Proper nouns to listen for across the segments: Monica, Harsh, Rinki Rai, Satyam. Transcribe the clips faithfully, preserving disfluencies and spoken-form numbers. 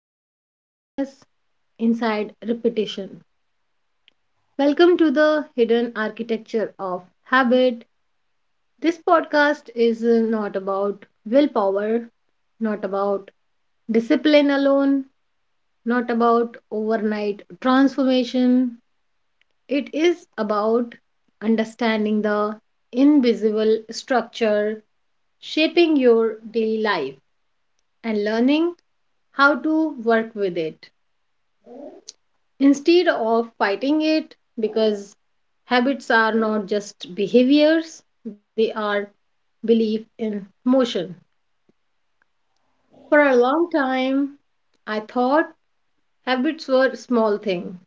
below awareness, inside repetition. Welcome to the hidden architecture of habit. This podcast is uh, not about willpower, not about discipline alone, not about overnight transformation. It is about understanding the invisible structure shaping your daily life and learning how to work with it instead of fighting it, because habits are not just behaviors, they are belief in motion. For a long time, I thought habits were small thing,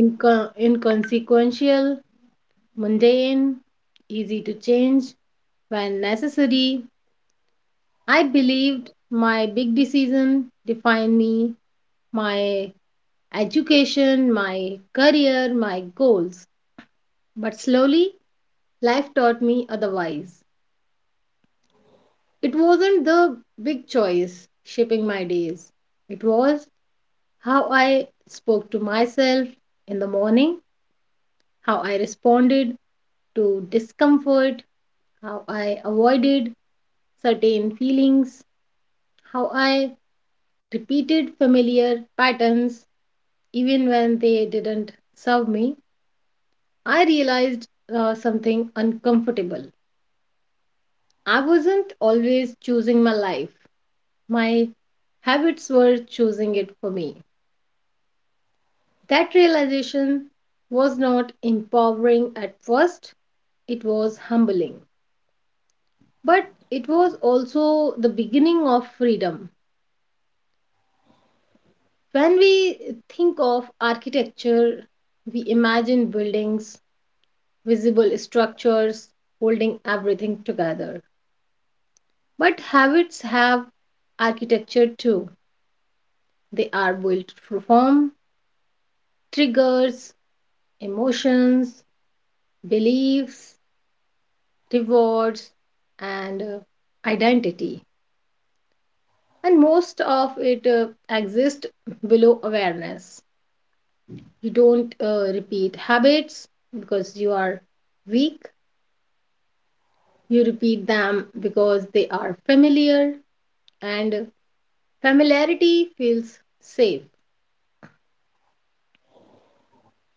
inco- inconsequential, mundane, easy to change when necessary. I believed my big decision defined me, my education, my career, my goals. But slowly, life taught me otherwise. It wasn't the big choice shaping my days. It was how I spoke to myself in the morning, how I responded to discomfort, how I avoided certain feelings, how I repeated familiar patterns even when they didn't serve me. I realized uh, something uncomfortable. I wasn't always choosing my life, my habits were choosing it for me. That realization was not empowering at first, it was humbling. But it was also the beginning of freedom. When we think of architecture, we imagine buildings, visible structures holding everything together. But habits have architecture too. They are built to form triggers, emotions, beliefs, rewards, and uh, identity. And most of it uh, exists below awareness. You don't uh, repeat habits because you are weak, you repeat them because they are familiar, and familiarity feels safe.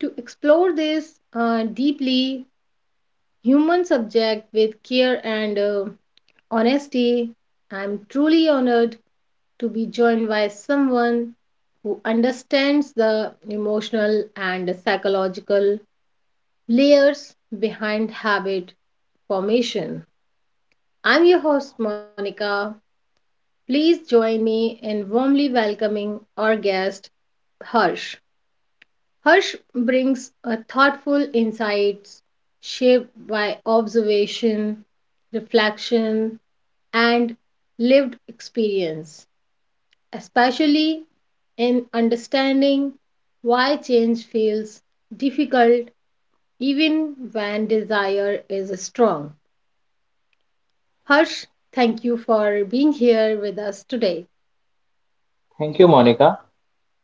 To explore this uh, deeply human subject with care and uh, honesty, I'm truly honored to be joined by someone who understands the emotional and psychological layers behind habit formation. I'm your host, Monica. Please join me in warmly welcoming our guest, Harsh. Harsh brings a thoughtful insights shaped by observation, reflection, and lived experience, especially in understanding why change feels difficult even when desire is strong. Harsh, thank you for being here with us today. Thank you, Monica.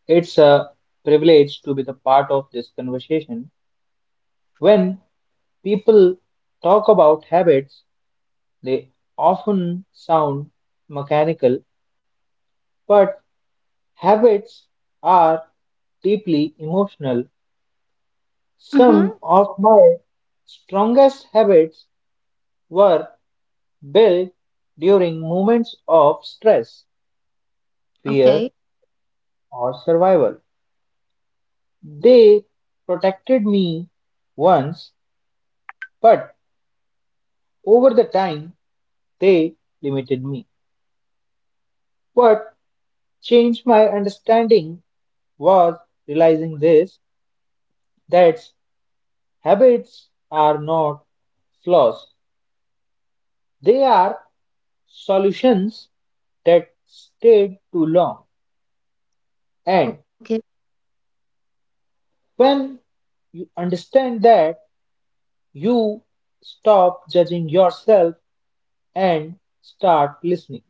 It's a privilege to be the part of this conversation. When people talk about habits, they often sound mechanical, but habits are deeply emotional. Mm-hmm. Some of my strongest habits were built during moments of stress, fear, Okay, or survival. They protected me once, but over the time, they limited me. What changed my understanding was realizing this, that habits are not flaws, they are solutions that stayed too long. And okay. when you understand that, you stop judging yourself and start listening.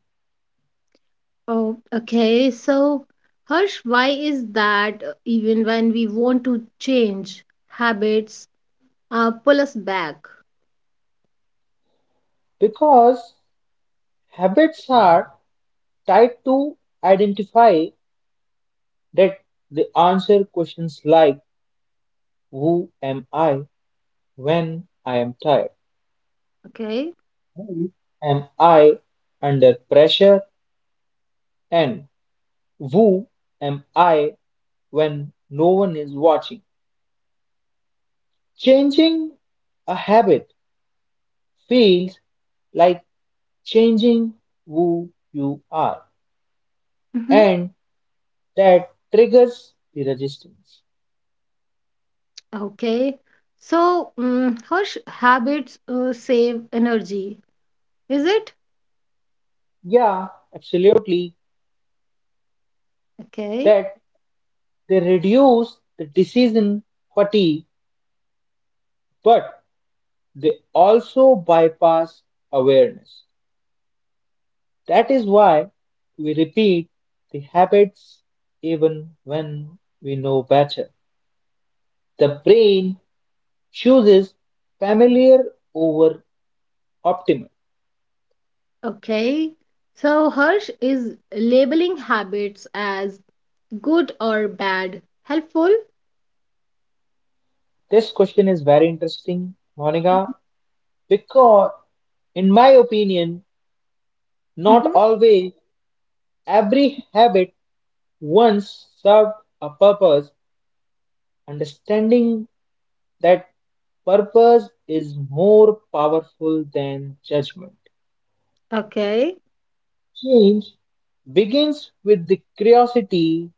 Oh, okay. So, Harsh, why is that uh, even when we want to change habits, uh, pull us back? Because habits are tied to identify, that they answer questions like, who am I when I am tired? Okay, Who am I under pressure? And who am I when no one is watching? Changing a habit feels like changing who you are, mm-hmm, and that triggers the resistance. okay. So, mm Harsh, habits uh, save energy, is it? Yeah, absolutely. Okay. That they reduce the decision fatigue, but they also bypass awareness. That is why we repeat the habits even when we know better. The brain chooses familiar over optimal. Okay. So Harsh is labeling habits as good or bad, helpful. This question is very interesting, Monica, because, in my opinion, not Hmm. always every habit once served a purpose. Understanding that purpose is more powerful than judgment. Okay. Change begins with the curiosity,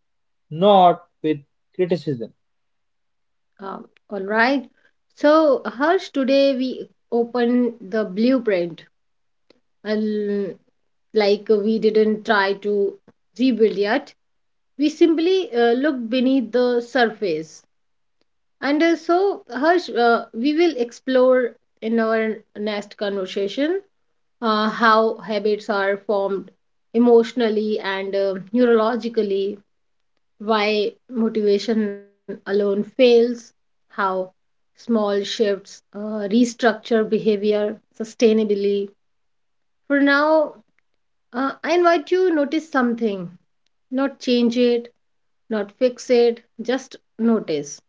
not with criticism. Um, all right. So Harsh, today we open the blueprint. And like we didn't try to rebuild yet, we simply uh, looked beneath the surface. And uh, so Harsh, uh, we will explore in our next conversation uh, how habits are formed emotionally and uh, neurologically, why motivation alone fails, how small shifts uh, restructure behavior sustainably. For now, uh, I invite you to notice something, not change it, not fix it, just notice.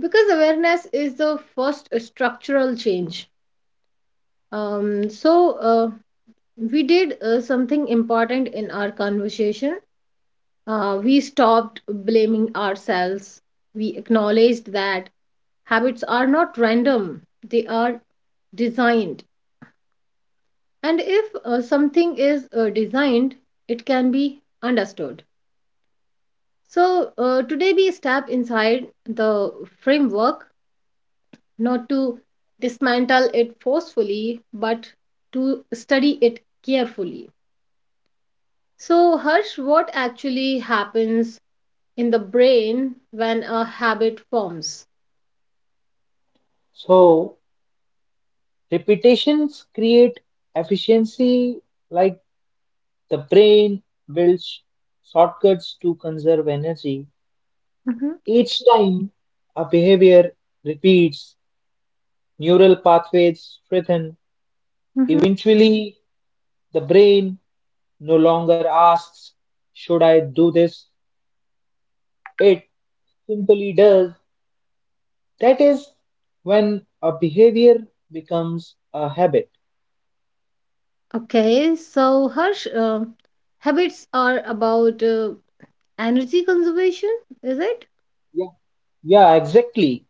Because awareness is the first structural change. Um, so, uh, we did uh, something important in our conversation. Uh, we stopped blaming ourselves. We acknowledged that habits are not random, they are designed. And if uh, something is uh, designed, it can be understood. So, uh, today we step inside the framework, not to dismantle it forcefully, but to study it carefully. So, Harsh, what actually happens in the brain when a habit forms? So, repetitions create efficiency, like the brain builds shortcuts to conserve energy. Each time a behavior repeats, neural pathways strengthen. Mm-hmm. Eventually, the brain no longer asks, should I do this? It simply does. That is when a behavior becomes a habit. Okay, so Harsh, uh, habits are about uh, energy conservation, is it? Yeah, yeah, exactly.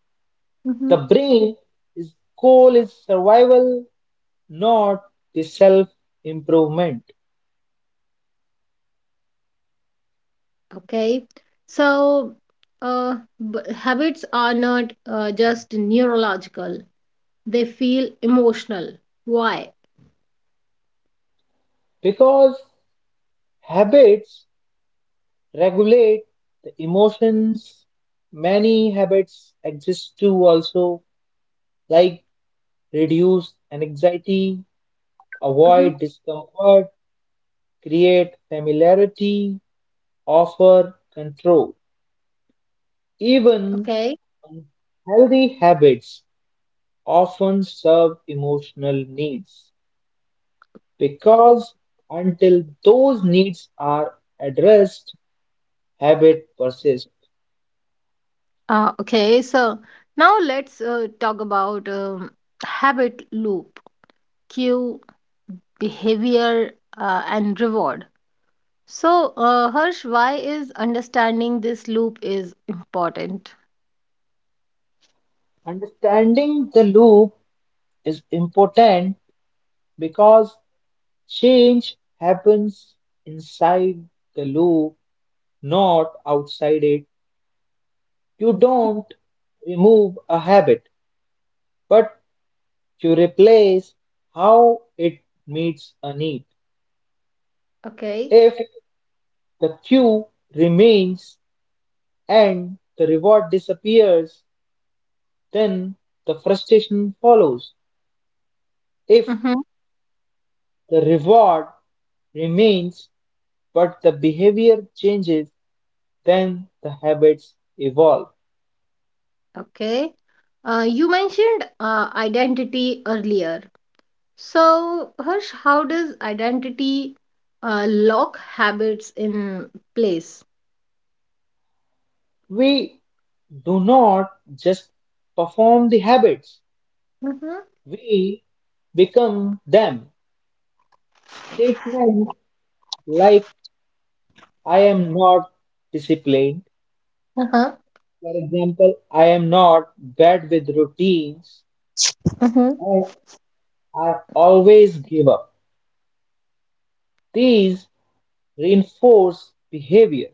Hmm. The brain is goal is survival, not the self-improvement. Okay, so uh, b- habits are not uh, just neurological, they feel emotional. Why? Because habits regulate the emotions. Many habits exist too also, like reduce anxiety, Hmm. avoid discomfort, create familiarity, offer control. Even Okay. healthy habits often serve emotional needs because until those needs are addressed, habit persists. Uh, okay, so now let's uh, talk about um, habit loop, cue, behavior, uh, and reward. So, uh, Harsh, why is understanding this loop is important? Understanding the loop is important because change happens inside the loop, not outside it. You don't remove a habit, but you replace how it meets a need. Okay, If the queue remains and the reward disappears, then the frustration follows. If hmm, the reward remains but the behavior changes, then the habits evolve. okay. Uh, you mentioned uh, identity earlier. So, Harsh, how does identity uh, lock habits in place? We do not just perform the habits, Mm-hmm. we become them. Statements like I am not disciplined, Uh-huh. for example, I am not bad with routines, Mm-hmm. I are always give up. These reinforce behavior.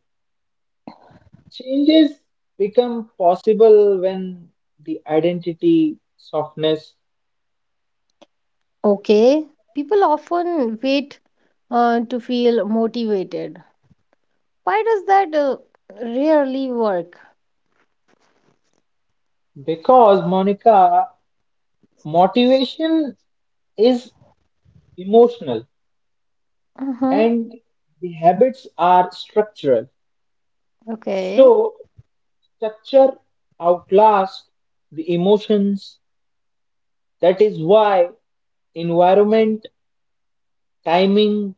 Changes become possible when the identity softness Okay. People often wait uh, to feel motivated. Why does that uh, rarely work? because Monica motivation is emotional Mm-hmm. and the habits are structural. Okay. So structure outlasts the emotions. That is why environment, timing,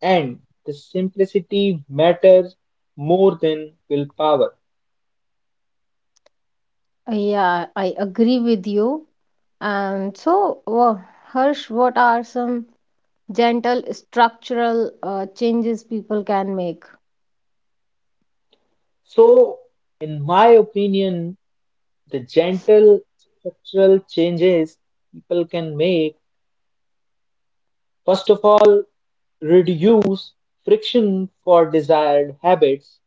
and the simplicity matters more than willpower. Uh, yeah, I agree with you. And so, wha- Harsh, what are some gentle structural uh, changes people can make? So, in my opinion, the gentle structural changes people can make, first of all, reduce friction for desired habits,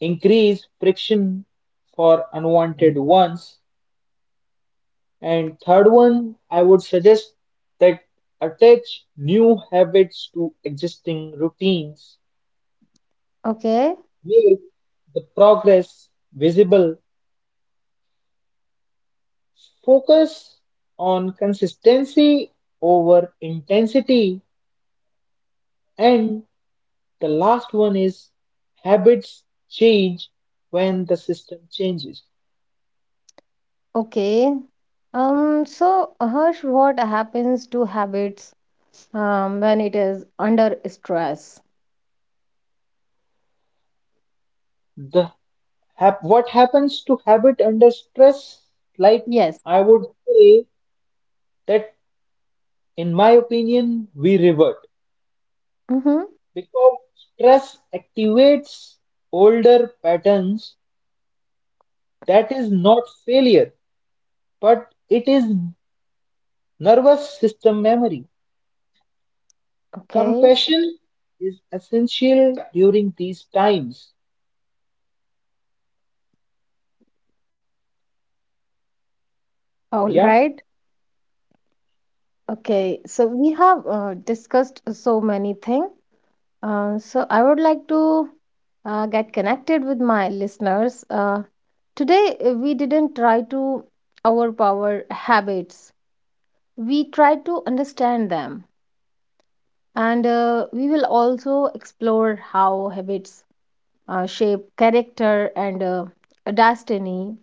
increase friction for unwanted ones, and third one, I would suggest that attach new habits to existing routines. Okay, Make the progress visible. Focus on consistency over intensity. And the last one is habits change when the system changes. okay. Um, so, Harsh, what happens to habits um, when it is under stress? The hap- what happens to habit under stress? Like, Yes. I would say that in my opinion, we revert Mm-hmm. because stress activates older patterns. That is not failure, but it is nervous system memory. Okay. Compassion is essential during these times. All Yeah. right. Okay. So, we have uh, discussed so many things. Uh, so I would like to uh, get connected with my listeners. Uh, today, uh, we didn't try to overpower habits, we tried to understand them. And uh, we will also explore how habits uh, shape character and uh, destiny,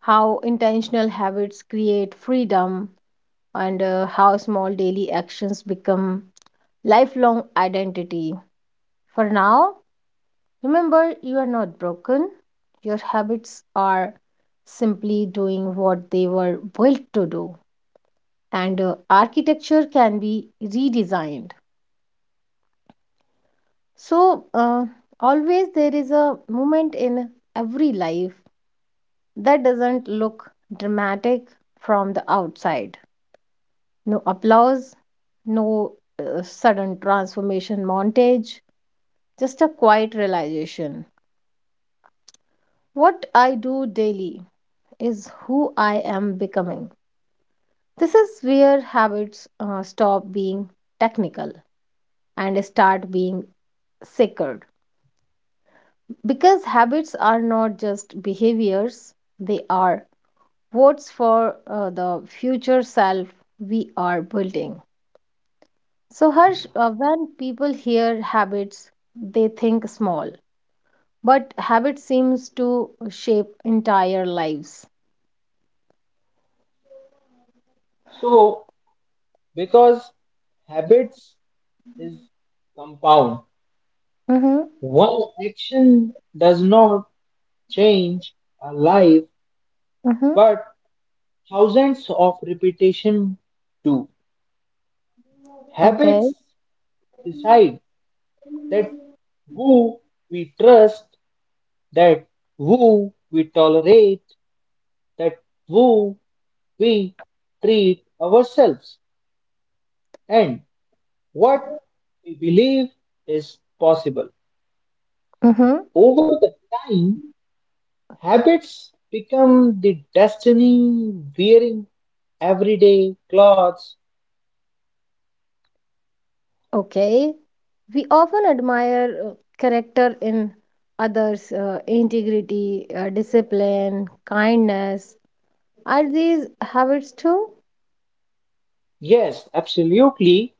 how intentional habits create freedom, and uh, how small daily actions become lifelong identity. For now, remember, you are not broken. Your habits are simply doing what they were built to do, and uh, architecture can be redesigned. So, uh, always there is a moment in every life that doesn't look dramatic from the outside. No applause, no uh, sudden transformation montage, just a quiet realization. What I do daily is who I am becoming. This is where habits uh, stop being technical and start being sacred. Because habits are not just behaviors, they are votes for uh, the future self we are building. So, Harsh, uh, when people hear habits, they think small, but habit seems to shape entire lives. So because habits is compound. Mm-hmm, One action does not change a life, mm-hmm, but thousands of repetition do. okay. Habits decide that who we trust, that who we tolerate, that who we treat ourselves and what we believe is possible. Over the time, habits become the destiny wearing everyday clothes. Okay, we often admire uh, character in others, uh, integrity, uh, discipline, kindness. Are these habits too? Yes, absolutely,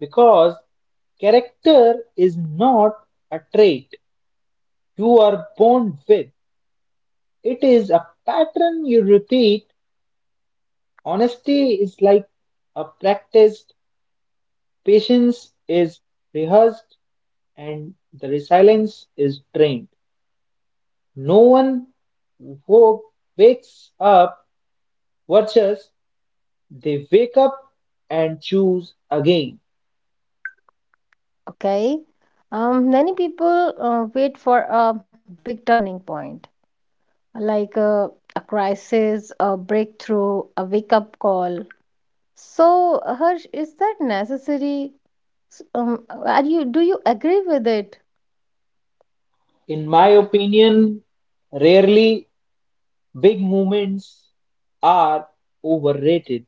because character is not a trait you are born with. It is a pattern you repeat. Honesty is like a practiced, patience is rehearsed and the resilience is trained. No one who wakes up watches, they wake up and choose again. Okay, um, many people uh, wait for a big turning point, like uh, a crisis, a breakthrough, a wake-up call. So, Harsh, is that necessary? S- Um, are you do you agree with it? In my opinion, rarely big movements are overrated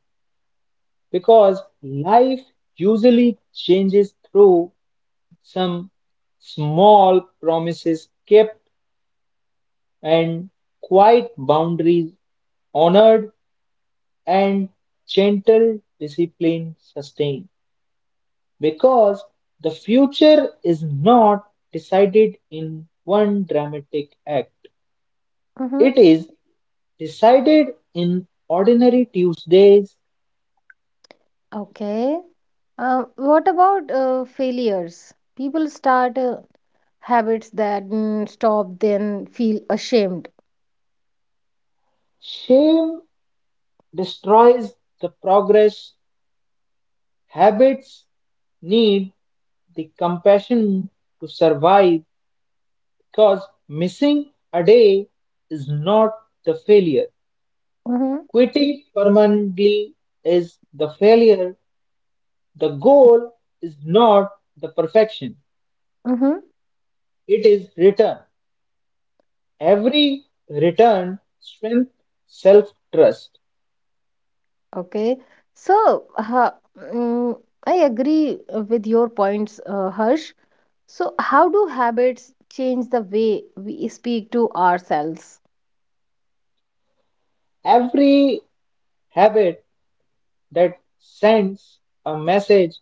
because life usually changes through some small promises kept and quiet boundaries honored and gentle discipline sustain, because the future is not decided in one dramatic act, Mm-hmm. it is decided in ordinary Tuesdays. Okay. Uh, what about uh, failures? People start uh, habits that mm, stop, then feel ashamed. Shame destroys the progress. Habits need the compassion to survive, because missing a day is not the failure. Mm-hmm, Quitting permanently is the failure. The goal is not the perfection, mm-hmm. it is return. Every return strength, self trust. Okay. So, uh, mm, I agree uh, with your points, uh, Harsh. So, how do habits change the way we speak to ourselves? Every habit that sends a message.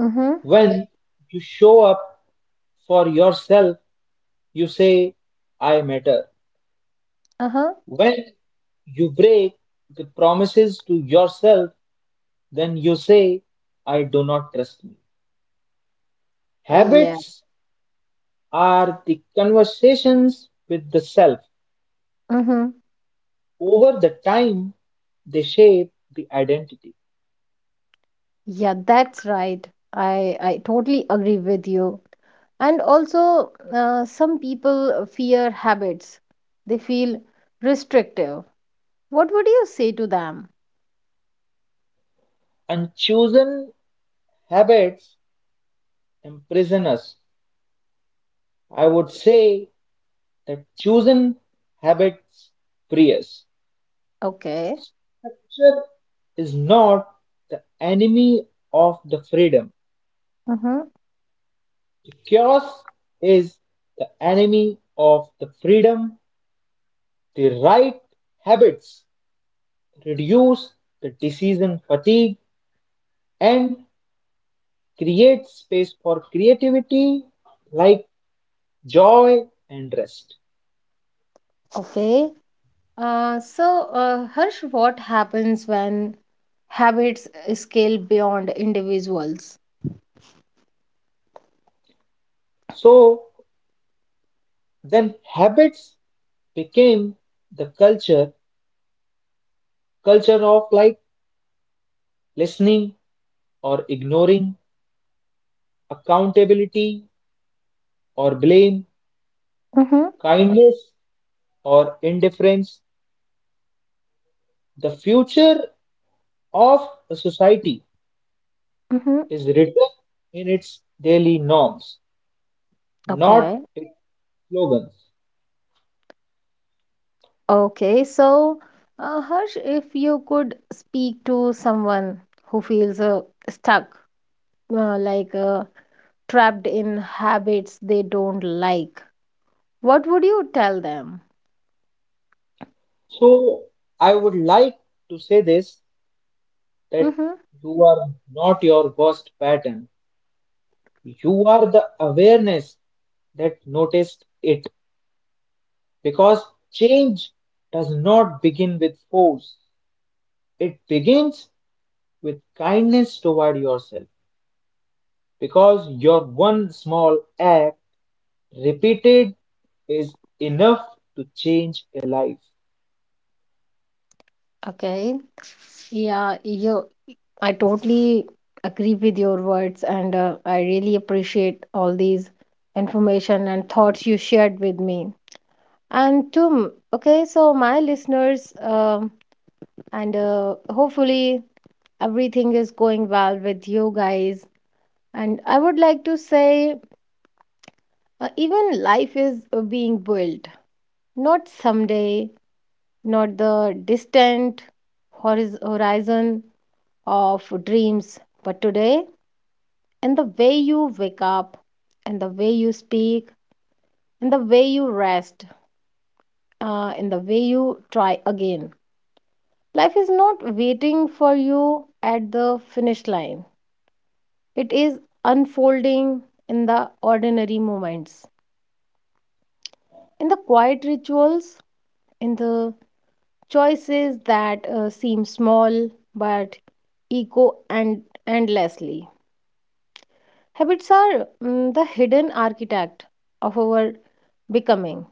Mm-hmm, When you show up for yourself, you say, I matter. uh-huh. When you break the promises to yourself, then you say, I do not trust me. Uh, yeah. Habits are the conversations with the self. Mm-hmm. Over the time, they shape the identity. Yeah, that's right. I I totally agree with you. And also, uh, some people fear habits. They feel restrictive. What would you say to them? Unchosen habits imprison us. I would say that chosen habits free us. Okay. Structure is not the enemy of the freedom. Mm-hmm. The chaos is the enemy of the freedom. The right habits reduce the decision fatigue and create space for creativity like joy and rest. Okay. Uh, so, uh, Harsh, what happens when habits scale beyond individuals? So then habits became the culture, culture of like listening or ignoring, accountability or blame, Mm-hmm. kindness or indifference. The future of a society Mm-hmm. is written in its daily norms, not Okay. its slogans. Okay, so uh, Harsh, if you could speak to someone who feels uh, stuck, uh, like uh, trapped in habits they don't like, what would you tell them? So I would like to say this, that Mm-hmm. you are not your worst pattern. You are the awareness that noticed it. Because change does not begin with force, it begins with kindness toward yourself. Because your one small act repeated is enough to change a life. Okay, yeah, you, I totally agree with your words, and uh, I really appreciate all these information and thoughts you shared with me. And to, m- okay, so my listeners, um, and uh, hopefully everything is going well with you guys. And I would like to say, uh, even life is uh, being built, not someday, not the distant horiz- horizon of dreams, but today, and the way you wake up, and the way you speak, and the way you rest, uh, and the way you try again. Life is not waiting for you at the finish line, it is unfolding in the ordinary moments, in the quiet rituals, in the choices that uh, seem small but echo and endlessly. Habits are mm, the hidden architect of our becoming.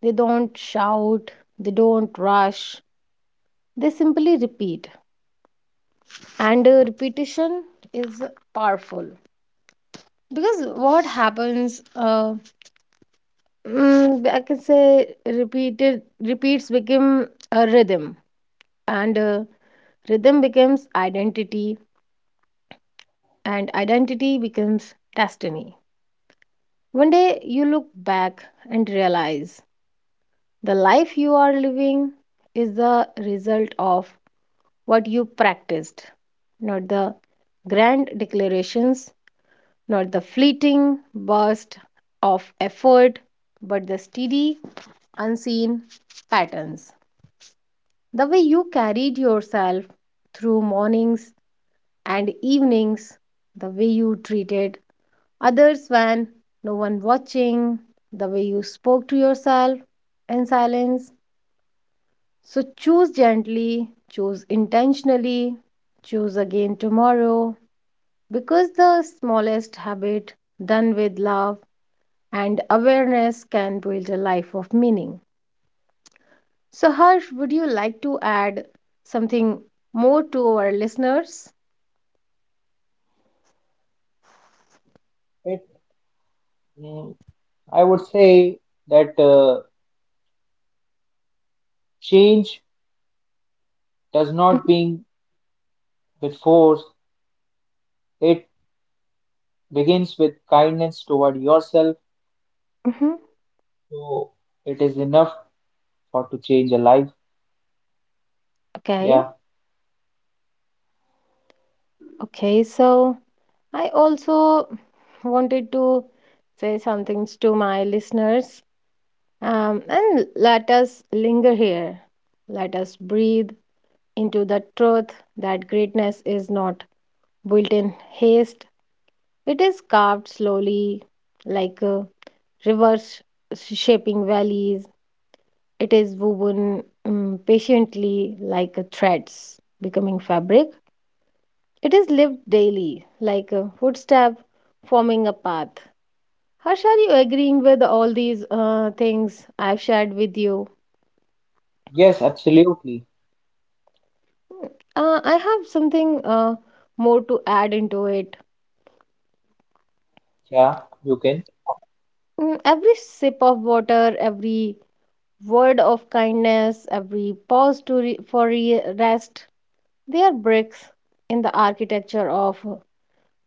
They don't shout, they don't rush, they simply repeat. And uh, repetition is powerful because what happens uh, mm, I can say repeated repeats become a rhythm, and uh, rhythm becomes identity, and identity becomes destiny. One day you look back and realize the life you are living is the result of what you practiced, not the grand declarations, not the fleeting burst of effort, but the steady, unseen patterns. The way you carried yourself through mornings and evenings, the way you treated others when no one watching, the way you spoke to yourself in silence. So choose gently, choose intentionally, choose again tomorrow, because the smallest habit done with love and awareness can build a life of meaning. So, Harsh, would you like to add something more to our listeners? It, mm, I would say that uh, change does not begin with force. It begins with kindness toward yourself. Mm-hmm. So it is enough for to change a life. Okay, Yeah. okay, so, I also wanted to say something to my listeners, um, and let us linger here. Let us breathe into the truth that greatness is not built in haste, it is carved slowly like a reverse shaping valleys. It is woven um, patiently like a threads becoming fabric. It is lived daily like a footstep forming a path. Harsh, are you agreeing with all these uh, things I've shared with you? Yes, absolutely. Uh, I have something uh, more to add into it. Yeah, you can. Mm, every sip of water, every word of kindness, every pause to re- for re- rest, they are bricks in the architecture of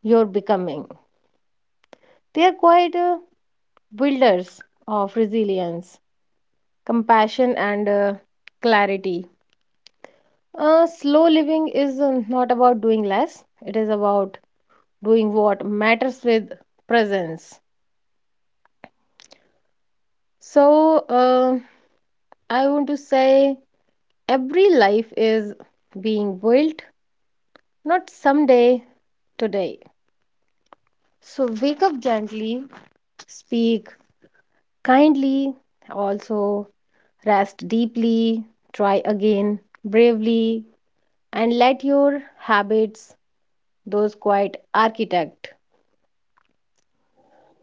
your becoming. They are quite uh, builders of resilience, compassion, and uh, clarity. Uh, slow living is uh, not about doing less, it is about doing what matters with presence. So, uh, I want to say every life is being built, not someday, today. So, wake up gently, speak kindly, also rest deeply, try again bravely, and let your habits, those quiet architect,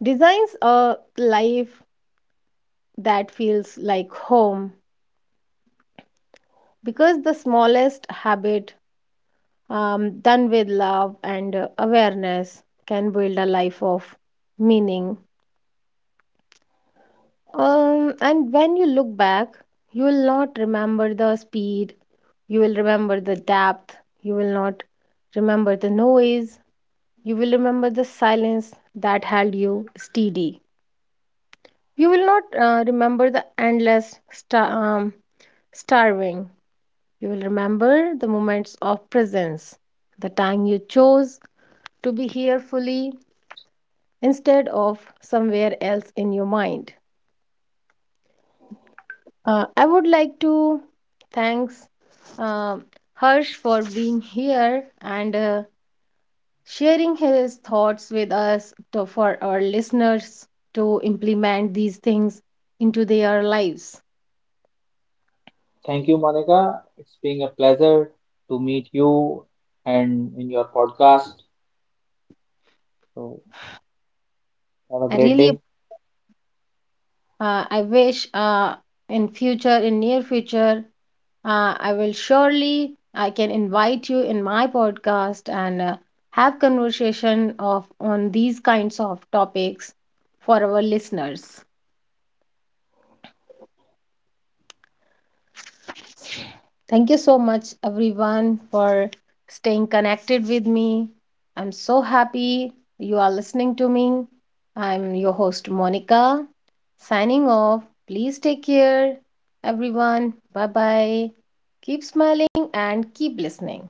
designs a life that feels like home, because the smallest habit um, done with love and uh, awareness can build a life of meaning. Um, and when you look back, you will not remember the speed, you will remember the depth, you will not remember the noise, you will remember the silence that held you steady. You will not uh, remember the endless star- um, starving. You will remember the moments of presence, the time you chose to be here fully instead of somewhere else in your mind. Uh, I would like to thanks um Harsh for being here and uh, sharing his thoughts with us to, for our listeners to implement these things into their lives. Thank you, Monica. It's been a pleasure to meet you and in your podcast. So have a I great really day. uh, I wish uh, in future in near future. Uh, I will surely I can invite you in my podcast and uh, have conversation of on these kinds of topics for our listeners. Thank you so much everyone for staying connected with me. I'm so happy you are listening to me. I'm your host Monica, signing off. Please take care everyone. Bye bye. Keep smiling and keep listening.